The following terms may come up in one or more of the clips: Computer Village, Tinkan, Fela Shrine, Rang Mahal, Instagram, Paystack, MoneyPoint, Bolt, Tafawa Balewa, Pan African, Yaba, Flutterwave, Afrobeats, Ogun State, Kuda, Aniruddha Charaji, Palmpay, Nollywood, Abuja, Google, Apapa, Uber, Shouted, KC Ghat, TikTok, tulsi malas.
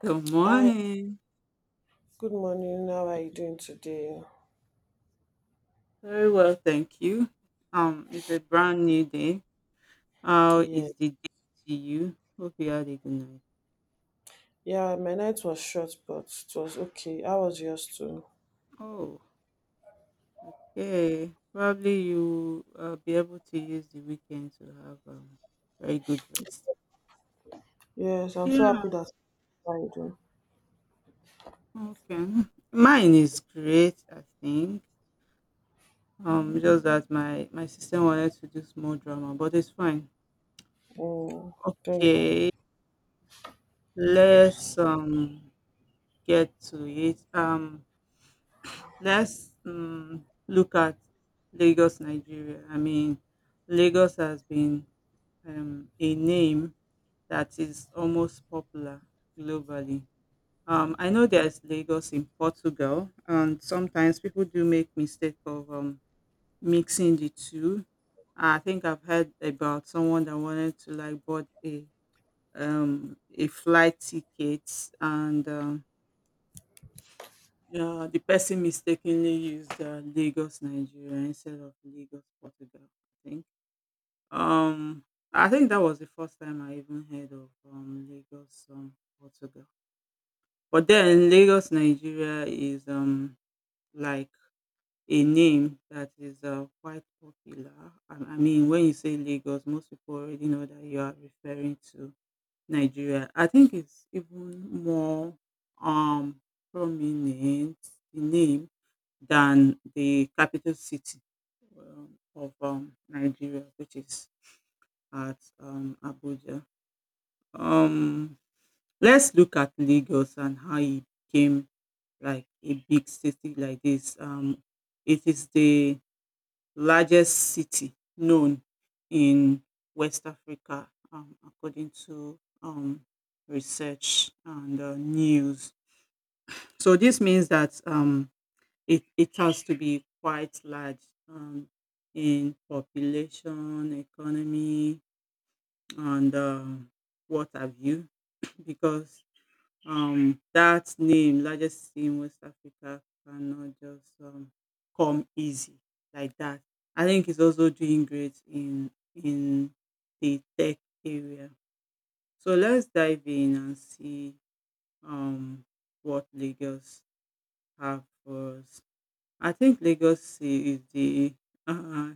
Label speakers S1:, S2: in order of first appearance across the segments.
S1: Good
S2: Hi,
S1: morning.
S2: good morning. How are you doing today?
S1: Very well, thank you. It's a brand new day. How
S2: Yeah,
S1: is the day to you? Hope you had a good night.
S2: yeah, my night was short, but it was okay. How was yours too?
S1: Oh, okay. Probably you be able to use the weekend to have very good rest.
S2: Yes, I'm so
S1: Yeah.
S2: happy that I do.
S1: Okay. Mine is great, I think. Just that my sister wanted to do small drama, but it's fine.
S2: Mm, Thank God.
S1: Okay. Let's get to it. Let's look at Lagos, Nigeria. I mean, Lagos has been a name that is almost popular globally. I know there's Lagos in Portugal, and sometimes people do make mistake of mixing the two. I think I've heard about someone that wanted to like bought a flight ticket and yeah, the person mistakenly used Lagos, Nigeria instead of Lagos, Portugal, I think. Um, I think that was the first time I even heard of Lagos, Portugal. But then Lagos, Nigeria is like a name that is quite popular. I mean, when you say Lagos, most people already know that you are referring to Nigeria. I think it's even more um prominent, the name, than the capital city of Nigeria, which is at Abuja. Um, let's look at Lagos and how it became like a big city like this. It is the largest city known in West Africa, according to research and news. So this means that it has to be quite large, um, in population, economy, and what have you, because that name, largest city in West Africa, cannot just come easy like that. I think it's also doing great in the tech area. So let's dive in and see um, what Lagos have for us. I think Lagos Sea is the uh,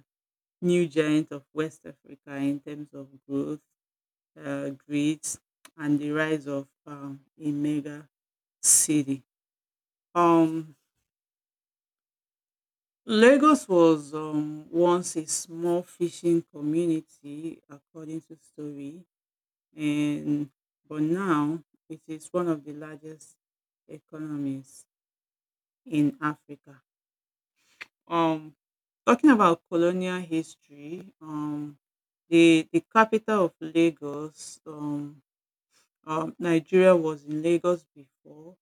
S1: new giant of West Africa in terms of growth, grit, and the rise of a mega city. Um, Lagos was once a small fishing community, according to story, and but now it is one of the largest economies in Africa. Um, Talking about colonial history, the capital of Lagos, Nigeria, was in Lagos before,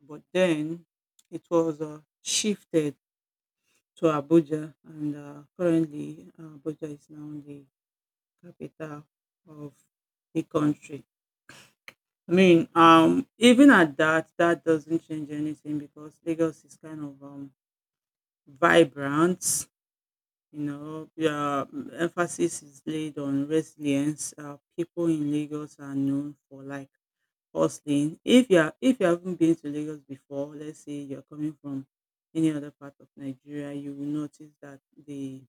S1: but then it was shifted to Abuja, and currently Abuja is now the capital of the country. I mean, even at that, that doesn't change anything because Lagos is kind of vibrant. You know, yeah, emphasis is laid on resilience. People in Lagos are known for like firstly, if you are if you haven't been to Lagos before, let's say you're coming from any other part of Nigeria, you will notice that the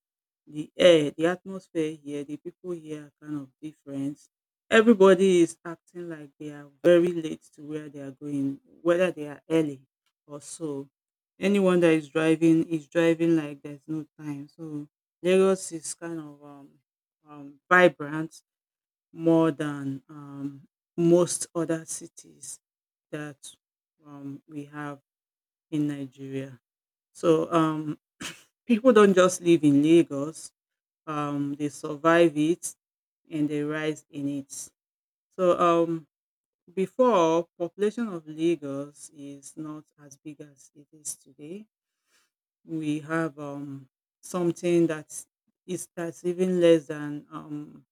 S1: the air, the atmosphere here, the people here are kind of different. Everybody is acting like they are very late to where they are going, whether they are early or so. Anyone that is driving like there's no time. So Lagos is kind of vibrant more than most other cities that we have in Nigeria. So people don't just live in Lagos; they survive it and they rise in it. So before, population of Lagos is not as big as it is today. We have something that is that's even less than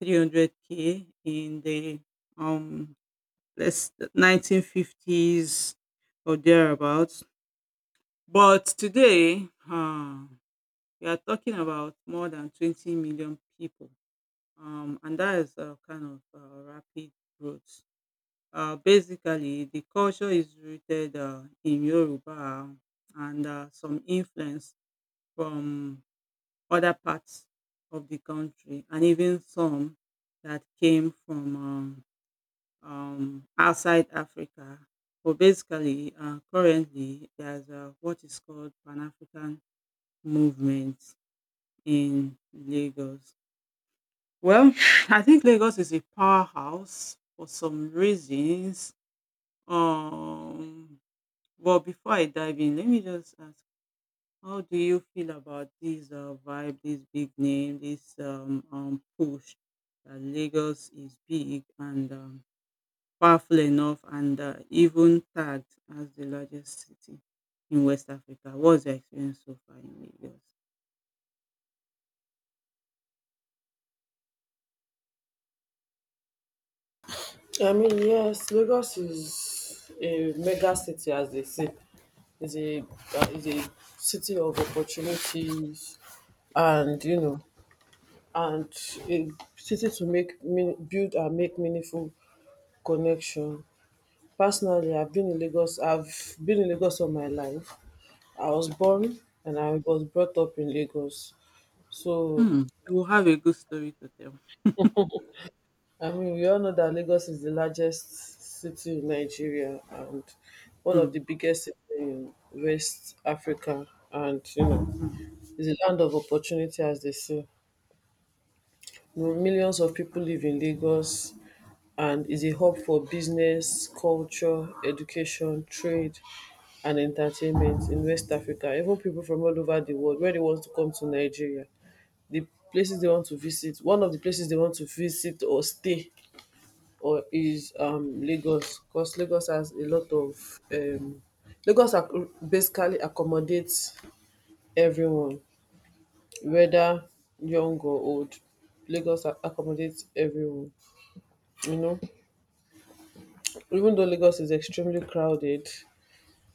S1: 300K in the um let's 1950s or thereabouts. But today, we are talking about more than 20 million people, and that is a kind of rapid growth. Basically, the culture is rooted in Yoruba and some influence from other parts of the country, and even some that came from outside Africa. But basically, currently, there's what is called Pan African movement in Lagos. Well, I think Lagos is a powerhouse for some reasons. Um, but before I dive in, let me just ask: how do you feel about this vibe, this big name, this push that Lagos is big and powerful enough and even tagged as the largest city in West Africa? What's your experience so far in Lagos?
S2: I mean, yes, Lagos is a mega city, as they say. It's a city of opportunities, and you know, and a city to build and make meaningful connection. Personally, I've been in Lagos. I've been in Lagos all my life. I was born and I was brought up in Lagos. So,
S1: Hmm. You will have a good story to tell.
S2: I mean, we all know that Lagos is the largest city in Nigeria and one of the
S1: Hmm.
S2: biggest cities in West Africa. And
S1: Hmm.
S2: it's a land of opportunity, as they say. Millions of people live in Lagos and is a hub for business, culture, education, trade, and entertainment in West Africa. Even people from all over the world, where they want to come to Nigeria, the places they want to visit, one of the places they want to visit or stay or is Lagos, because Lagos has a lot of Lagos ac- basically accommodates everyone, whether young or old. Lagos accommodates everyone. you know Even though Lagos is extremely crowded,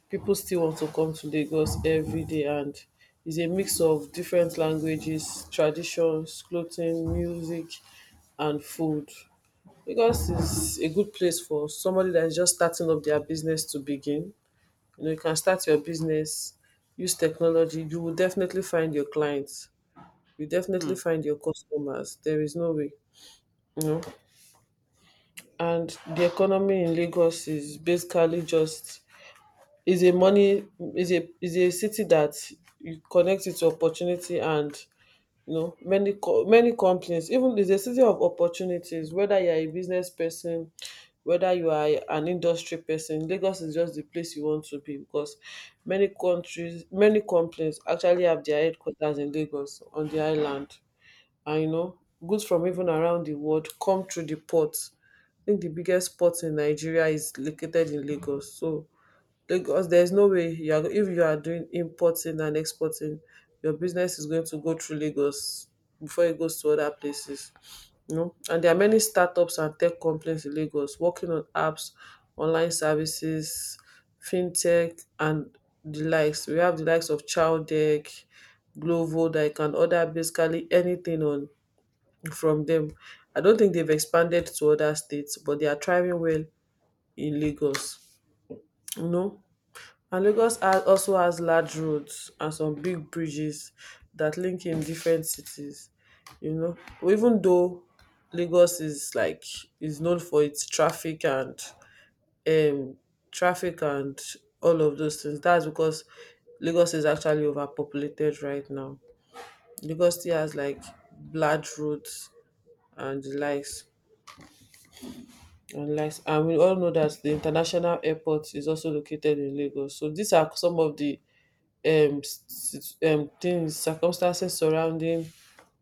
S2: people still want to come to Lagos every day, and it's a mix of different languages, traditions, clothing, music, and food. Lagos is a good place for somebody that is just starting up their business to begin. You know, you can start your business, use technology. You will definitely find your clients. You definitely
S1: Hmm.
S2: find your customers. There is no way. You know, and the economy in Lagos is basically just is a money is a city that you connect it to opportunity, and you know, many companies, even is a city of opportunities, whether you are a business person, whether you are an industry person, Lagos is just the place you want to be, because many countries, many companies actually have their headquarters in Lagos on the island. And you know, goods from even around the world come through the port. I think the biggest port in Nigeria is located in Lagos, so because there's no way you are, if you are doing importing and exporting, your business is going to go through Lagos before it goes to other places. You know, and there are many startups and tech companies in Lagos working on apps, online services, fintech, and the likes. We have the likes of Chowdeck, Glovo, that you can order basically anything on from them. I don't think they've expanded to other states, but they are thriving well in Lagos. You know, and Lagos also has large roads and some big bridges that link in different cities. You know, even though Lagos is known for its traffic um and all of those things. That's because Lagos is actually overpopulated right now. Lagos still has like large roads and the likes, and we all know that the international airport is also located in Lagos. So these are some of the things, circumstances surrounding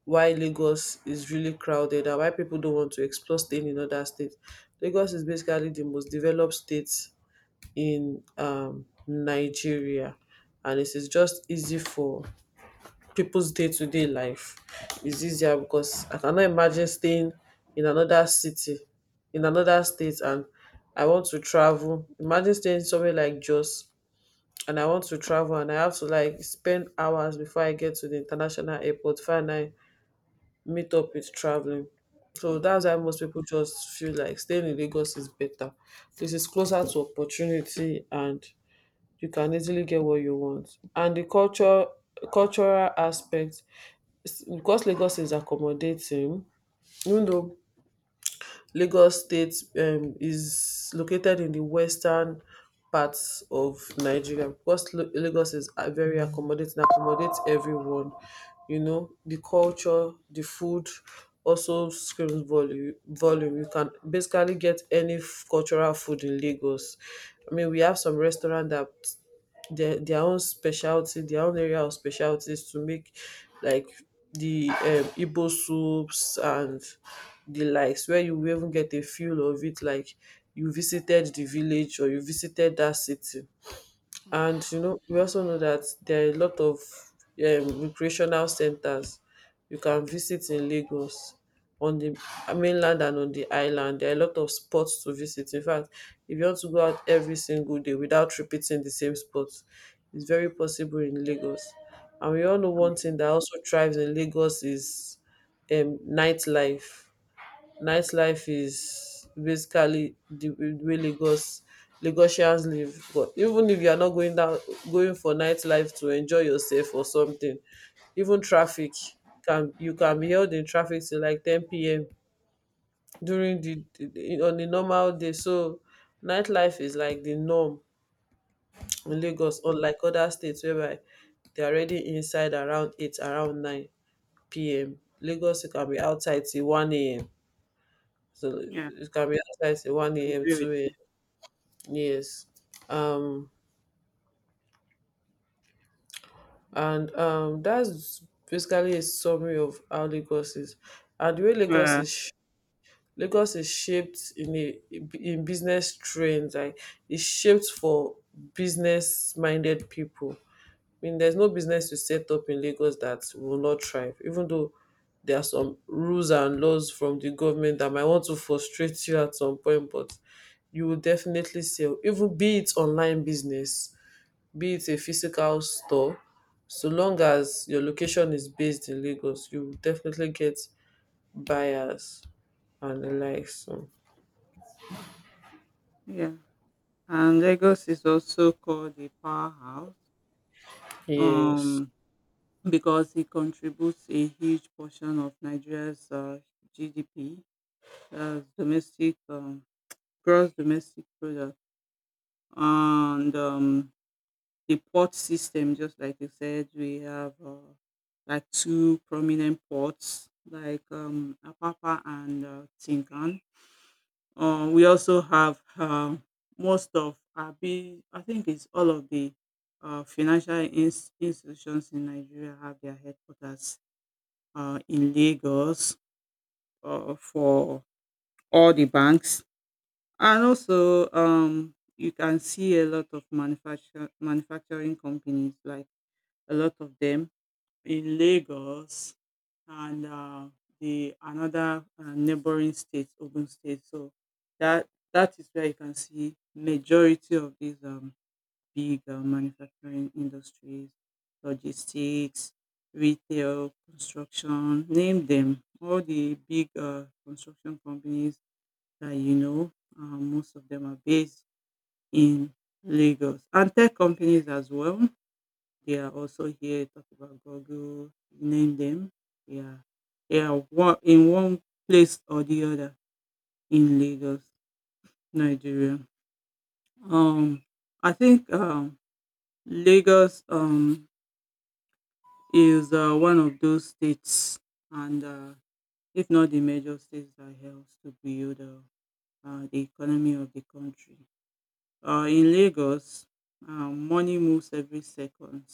S2: why Lagos is really crowded and why people don't want to explore staying in other states. Lagos is basically the most developed state in Nigeria, and it is just easy for people's day to day life. It's easier because I cannot imagine staying in another city, in another state, and I want to travel. Imagine staying somewhere like Jos and I want to travel and I have to like spend hours before I get to the international airport, find I meet up with traveling. So that's
S1: Hmm.
S2: why most people just feel like staying in Lagos is better. This is closer to opportunity and you can easily get what you want. And the culture cultural aspect because Lagos is accommodating, even though Lagos State is located in the western parts of Nigeria, because Lagos is very accommodating, accommodates everyone. You know, the culture, the food also screams volume. Volume. You can basically get any cultural food in Lagos. I mean, we have some restaurant that their own specialty, their own area of specialties to make like the Igbo soups and the likes, where you will even get a feel of it like you visited the village or you visited that city.
S1: Hmm.
S2: And we also know that there are a lot of recreational centers you can visit in Lagos on the mainland and on the island. There are a lot of spots to visit. In fact, if you want to go out every single day without repeating the same spots, it's very possible in Lagos. And we all know one thing that also thrives in Lagos is nightlife. Nightlife is basically the way Lagosians live. But even if you are not going for nightlife to enjoy yourself or something, even traffic can you can be held in traffic till like 10 p.m. during on a normal day. So nightlife is like the norm in
S1: Hmm.
S2: Lagos, unlike other states whereby they're already inside around 8, around 9 p.m. Lagos you can be outside till 1 a.m. So
S1: Yeah,
S2: it can be outside say
S1: I
S2: 1 a.m.,
S1: agree
S2: 2
S1: with
S2: a.m. Yes. Um, and that's basically a summary of how Lagos is. And the way
S1: you.
S2: Lagos
S1: Yeah.
S2: is Lagos is shaped in business trends, like it's shaped for business minded people. I mean, there's no business you set up in Lagos that will not thrive, even though there are some rules and laws from the government that might want to frustrate you at some point, but you will definitely sell, even be it online business, be it a physical store. So long
S1: Hmm.
S2: as your location is based in Lagos, you will definitely get buyers and the likes. So,
S1: Yeah. And Lagos is also called a powerhouse,
S2: yes.
S1: um, because it contributes a huge portion of Nigeria's GDP, as domestic gross domestic product, and the port system, just like you said. We have like two prominent ports, like Apapa and Tinkan. We also have most of Abi, I think it's all of the financial institutions in Nigeria have their headquarters in Lagos for all the banks. And also, you can see a lot of manufacturing companies, like a lot of them in Lagos and the another neighboring state, Ogun State. So that that is where you can see majority of these big manufacturing industries, logistics, retail, construction, name them. All the big construction companies that you know, most of them are based in Lagos, and tech companies as well. They are also here. Talk about Google, name them. Yeah. They are in one place or the other in Lagos, Nigeria. Um, I think Lagos is one of those states, and if not the major states that helps to build the economy of the country. In Lagos, money moves every second,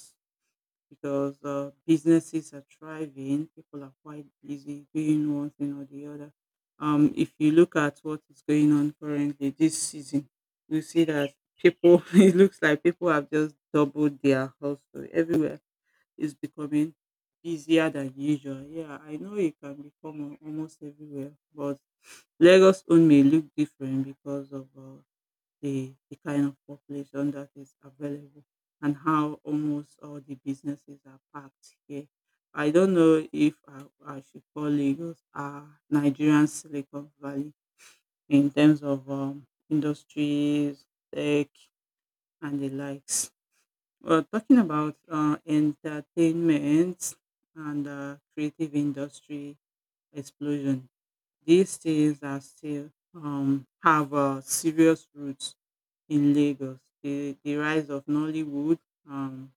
S1: because businesses are thriving. People are quite busy doing one thing or the other. If you look at what is going on currently this season, you see that people, it looks like people have just doubled their hustle everywhere. Is becoming busier than usual. Yeah, I know it can become almost everywhere, but Lagos own may look different because of the kind of population that is available and how almost all the businesses are packed here. I don't know if I should call Lagos Nigerian Silicon Valley in terms of industries, tech, and the likes. Well, talking about entertainment and creative industry explosion, these things are still have serious roots in Lagos. The rise of Nollywood, um,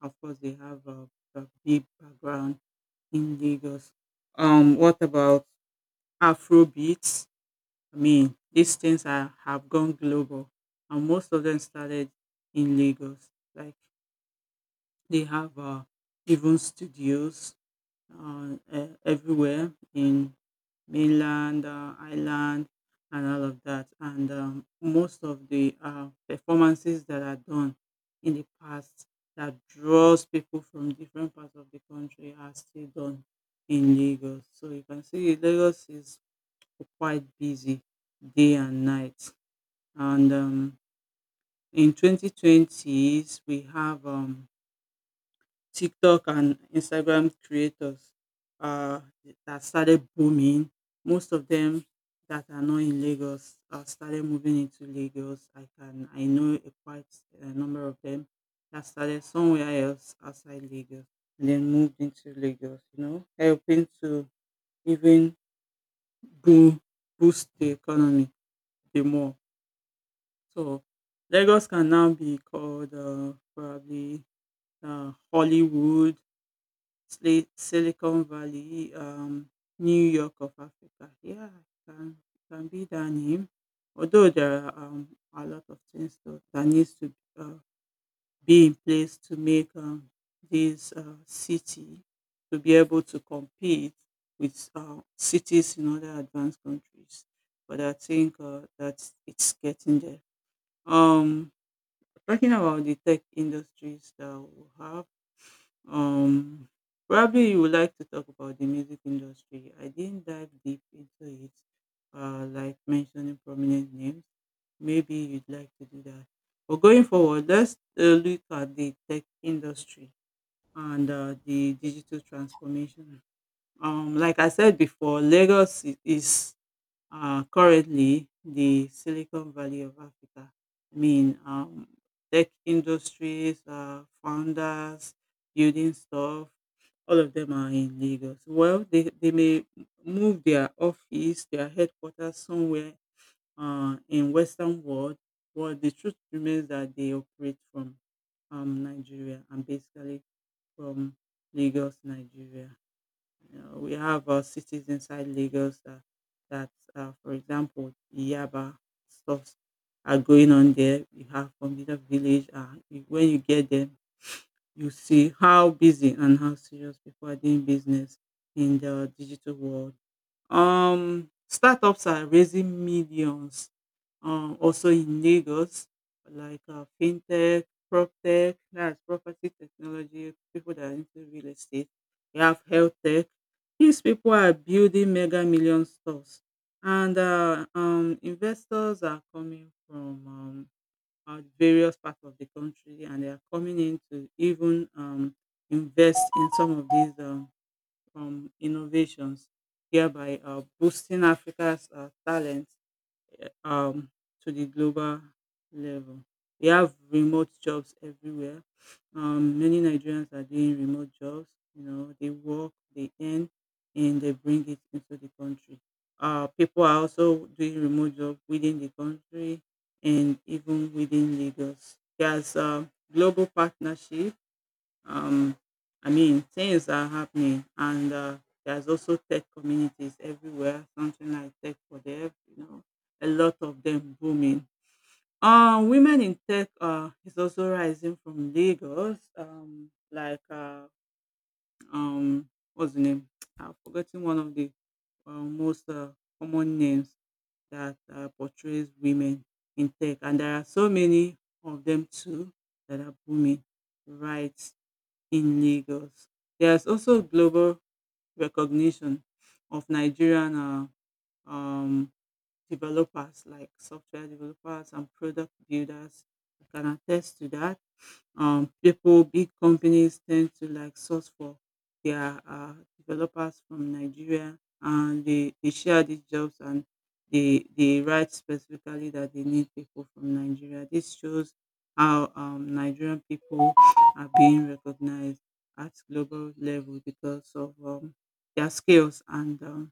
S1: of course, they have a big background in Lagos. What about Afro beats? I mean, these things are, have gone global, and most of them started in Lagos. Like they have even studios everywhere in mainland, island, and all of that. And most of the performances that are done in the past that draws people from different parts of the country are still done in Lagos. So you can see Lagos is quite busy day and night. And in 2020s, we have TikTok and Instagram creators uh, that started booming. Most of them that are not in Lagos started moving into Lagos. I know a quite a number of them that started somewhere else outside Lagos and then moved into Lagos. You know, helping to even boom boost the economy the more. So Lagos can now be called probably Hollywood, Sli Silicon Valley, New York of Africa. Yeah, it can be that name. Although there are a lot of things that needs to be in place to make this city to be able to compete with cities in other advanced countries. But I think that it's getting there. Um, Talking about the tech industries that we have, um, probably you would like to talk about the music industry. I didn't dive deep into it, like mentioning prominent names. Maybe you'd like to do that. But going forward, let's look at the tech industry and the digital transformation. Like I said before, Lagos is currently the Silicon Valley of Africa. I mean, tech industries, founders, building stuff, all of them are in Lagos. Well, they may move their office, their headquarters somewhere in Western world, but the truth remains that they operate from Nigeria and basically from Lagos, Nigeria. You know, we have cities inside Lagos that, that for example, Yaba, stuffs are going on there. You have Computer Village. When you get there, you see how busy and how serious people are doing business in the digital world. Startups are raising millions. Also in Lagos, like fintech, proptech, that's property technology. People that are into real estate. We have health tech. These people are building mega million stores, and investors are coming from various parts of the country, and they are coming in to even invest in some of these innovations, hereby boosting Africa's talent eh, um to the global level. We have remote jobs everywhere. Many Nigerians are doing remote jobs. You know, they work, they earn, and they bring it into the country. People are also doing remote jobs within the country and even within Lagos. There's a global partnership. um, I mean, things are happening, and there's also tech communities everywhere. Something like tech for dev, you know, a lot of them booming. Women in tech is also rising from Lagos. What's the name? I've forgotten one of the most common names that portrays women in tech, and there are so many of them too that are booming, right? In Lagos. There's also global recognition of Nigerian um, developers like software developers and product builders. I can attest to that. People, big companies tend to like source for their developers from Nigeria, and they share these jobs and they write specifically that they need people from Nigeria. This shows how Nigerian people are being recognized at global level because of their skills and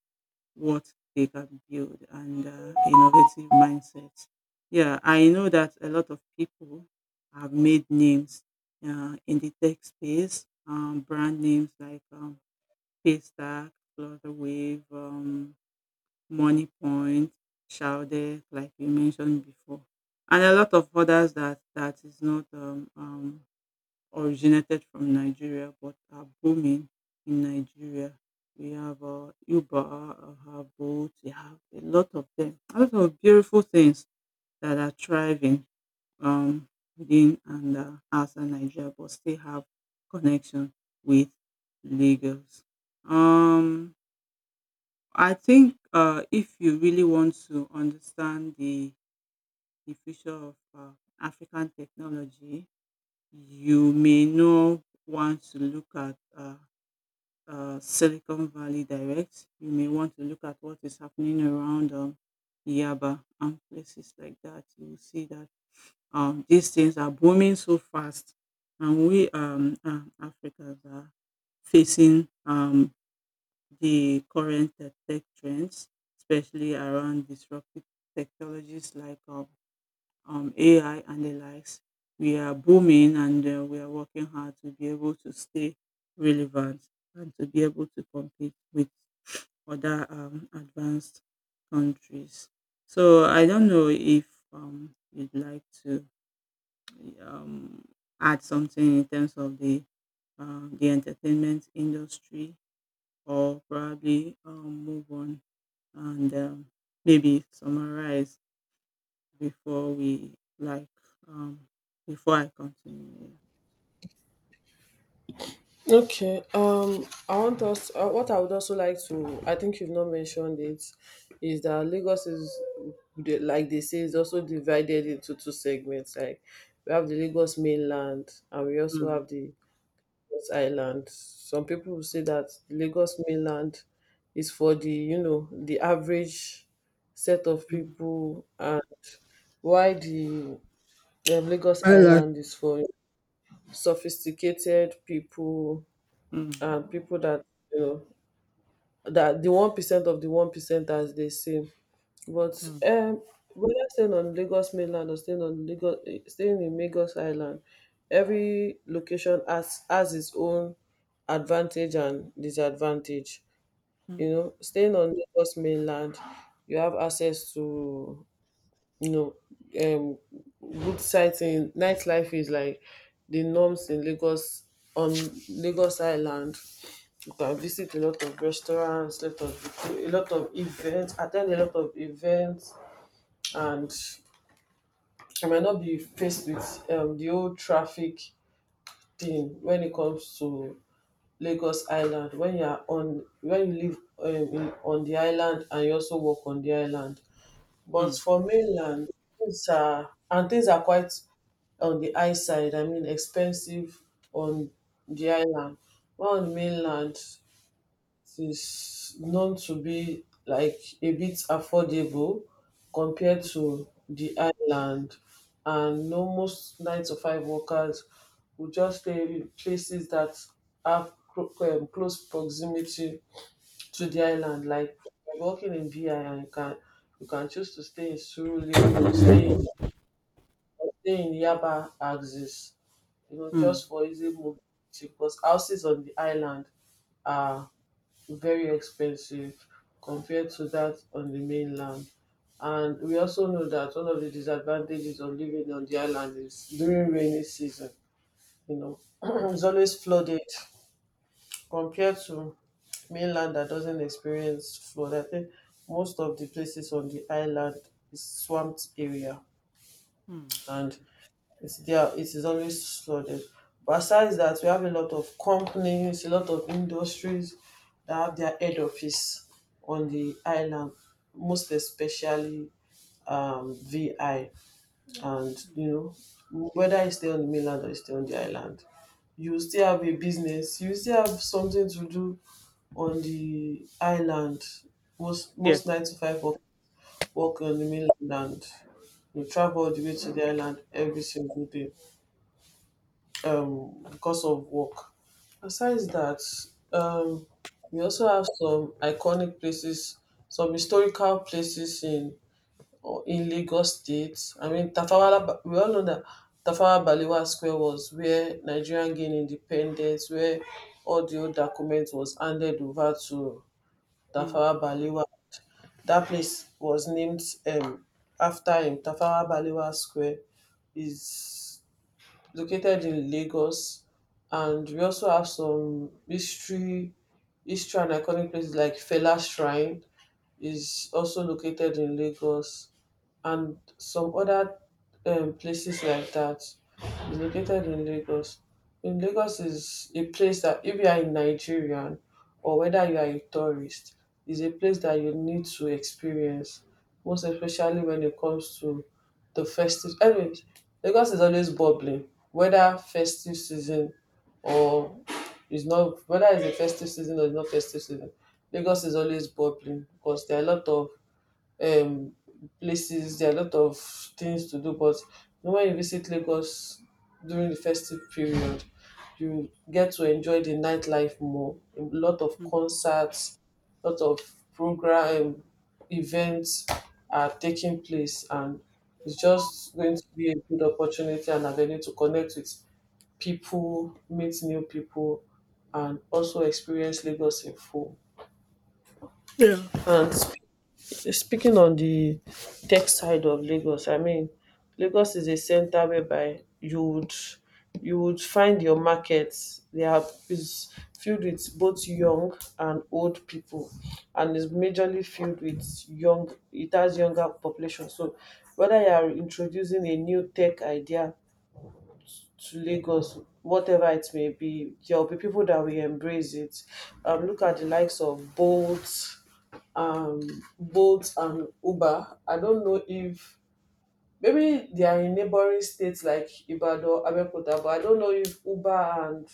S1: what they can build and innovative mindsets. Yeah, I know that a lot of people have made names in the tech space. Brand names like Paystack, Flutterwave, MoneyPoint, Shouted, like you mentioned before, and a lot of others that is not originated from Nigeria but are booming in Nigeria. We have Uber, we have Bolt, we have a lot of them. A lot of beautiful things that are thriving um, within and outside Nigeria but still have connection with Lagos. Um, I think if you really want to understand the future of African technology, you may not want to look at Silicon Valley direct. You may want to look at what is happening around Yaba and places like that. You will see that these things are booming so fast, and we Africans are facing the current tech trends, especially around disruptive technologies like AI and the likes. We are booming and we are working hard to be able to stay relevant and to be able to compete with other advanced countries. So I don't know if you'd like to um, add something in terms of the entertainment industry, or probably move on and maybe summarize before we um before I continue.
S2: Okay. I want us. What I would also like to, I think you've not mentioned it, is that Lagos is, like they say, is also divided into two segments. Like we have the Lagos mainland, and we
S1: Yeah.
S2: also have the Lagos island. Some people will say that the Lagos mainland is for the average set of
S1: Mm,
S2: people, and why the Lagos
S1: I like.
S2: island is for sophisticated people
S1: mm,
S2: and people that you know, that the 1% of the 1%, as they say. But
S1: mm,
S2: um, whether staying on Lagos, mainland or staying on Lagos, eh, staying in Lagos Island, every location has its own advantage and disadvantage. You
S1: mm,
S2: know, staying on Lagos mainland, you have access to you know um good sightseeing. Nightlife is like the norms in Lagos. On Lagos Island, you can visit a lot of restaurants, lot of a lot of events, attend a lot of events, and I might not be faced with the old traffic thing when it comes to Lagos Island. When when you live on the island and you also work on the island, but
S1: mm,
S2: for mainland, things are quite on the high side. I mean, expensive on the island, but on the mainland, it is known to be like a bit affordable compared to the island. And no, most nine to five workers will just stay in places that have close proximity to the
S1: mm,
S2: island, like if you're working in BI, and you can choose to stay in Surulere or stay in Yaba axis.
S1: mm,
S2: Just for easy mobility, because houses on the island very expensive compared to that on the mainland. And we also know that one of the disadvantages of living on the island is during rainy season. You know,
S1: mm,
S2: it's always flooded compared to mainland that doesn't experience flood. I think most of the places on the island is swamped area,
S1: mm.
S2: and it's there. It is always flooded. But aside that, we have a lot of companies, a lot of industries that have their head office on the island, most especially VI. And you know, whether you stay on the mainland or you stay on the island, you still have a business. You still have something to do on the island. Most
S1: Yes.
S2: nine to five work on the mainland. You travel all the way to the island every single day because of work. Besides that, um we also have some iconic places, some historical places in Lagos State. I mean, we all know that Tafawa Balewa Square was where Nigerian gained independence, where all the old documents was handed over to
S1: Mm,
S2: Tafawa Balewa. That place was named um after him. Tafawa Balewa Square is located in Lagos, and we also have some history and iconic places like Fela Shrine is also located in Lagos, and some other places like that is located in Lagos. In Lagos is a place that if you are a Nigerian or whether you are a tourist, is a place that you need to experience, most especially when it comes to the festive. Anyways, Lagos is always bubbling whether festive season or is not, whether it's a festive season or it's not festive season, Lagos is always bubbling because there are a lot of um, places. There are a lot of things to do, but when you visit Lagos during the festive period, you get to enjoy the nightlife more. A lot of
S1: mm.
S2: concerts, a lot of program events are taking place, and it's just going to be a good opportunity and avenue to connect with people, meet new people, and also experience Lagos in full.
S1: Yeah.
S2: And speaking on the tech side of Lagos, I mean, Lagos is a center whereby you would find your markets. They are is filled with both young and old people, and is majorly filled with young. It has younger population. So, whether you are introducing a new tech idea to Lagos, whatever it may be, there will be people that will embrace it. Look at the likes of um, Bolt and Uber. I don't know if maybe they are in neighboring states like Ibadan, Abeokuta, but I don't know if Uber and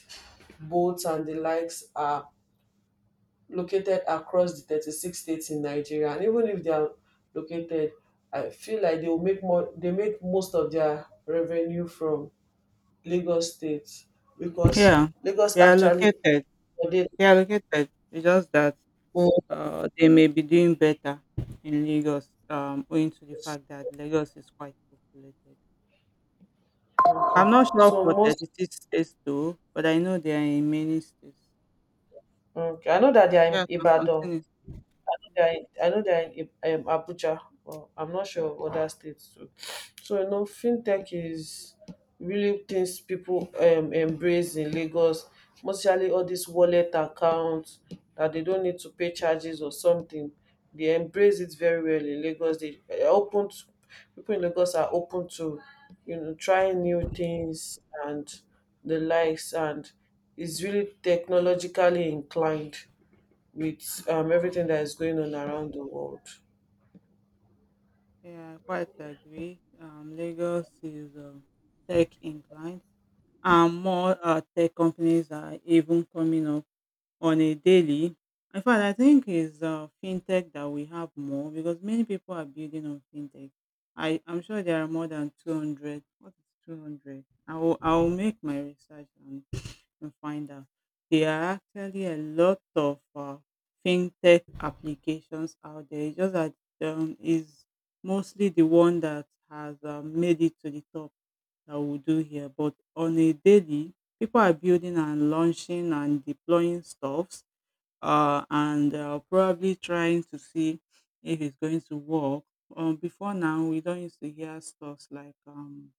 S2: Bolt and the likes are located across the 36 states in Nigeria. And even if they are located, I feel like they will make more. They make most of their revenue from Lagos State because
S1: Yeah,
S2: Lagos
S1: they are
S2: actually.
S1: located.
S2: Okay.
S1: They are located. It's just that they may be doing better in Lagos, owing to the fact that Lagos is quite populated. I'm not sure
S2: So
S1: for
S2: most.
S1: 36 states though, but I know they are in many states.
S2: Okay. I know that they are
S1: Yeah,
S2: in
S1: I can
S2: Ibadan.
S1: continue.
S2: I know they are in Abuja, but I'm not sure of other states too. So fintech is really things people embrace in Lagos, mostly all these wallet accounts that they don't need to pay charges or something. They embrace it very well in Lagos. They are open to, People in Lagos are open to, trying new things and the likes, and is really technologically inclined with everything that is going on around the world.
S1: Yeah, I quite agree. Lagos is tech inclined, and more tech companies are even coming up on a daily. In fact, I think it's fintech that we have more because many people are building on fintech. I'm sure there are more than 200. What is 200? I will make my research and find out. There are actually a lot of fintech applications out there. It's just that is mostly the one that has made it to the top that we do here. But on a daily, people are building and launching and deploying stuffs, and probably trying to see if it's going to work. Before now, we don't used to hear stuffs like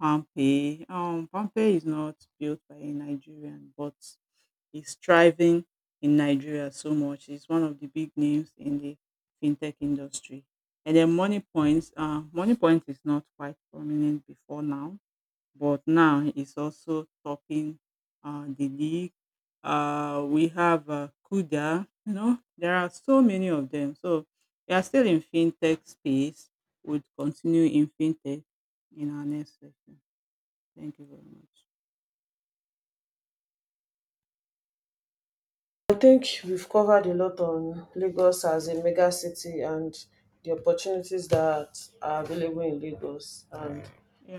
S1: Palmpay. Palmpay is not built by a Nigerian, but is thriving in Nigeria so much. It's one of the big names in the fintech industry. And then Money Points, Money Point is not quite prominent before now, but now it's also topping the league. We have Kuda, you know, there are so many of them. So we are still in fintech space. Would continue in fintech in our next session. Thank you very much.
S2: I think we've covered a lot on Lagos as a mega city and the opportunities that are available in Lagos. And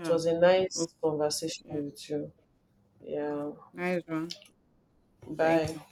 S2: it was a
S1: Oh,
S2: nice conversation
S1: yeah.
S2: with you.
S1: Yeah.
S2: Yeah.
S1: Nice one. Thank
S2: Bye.
S1: you.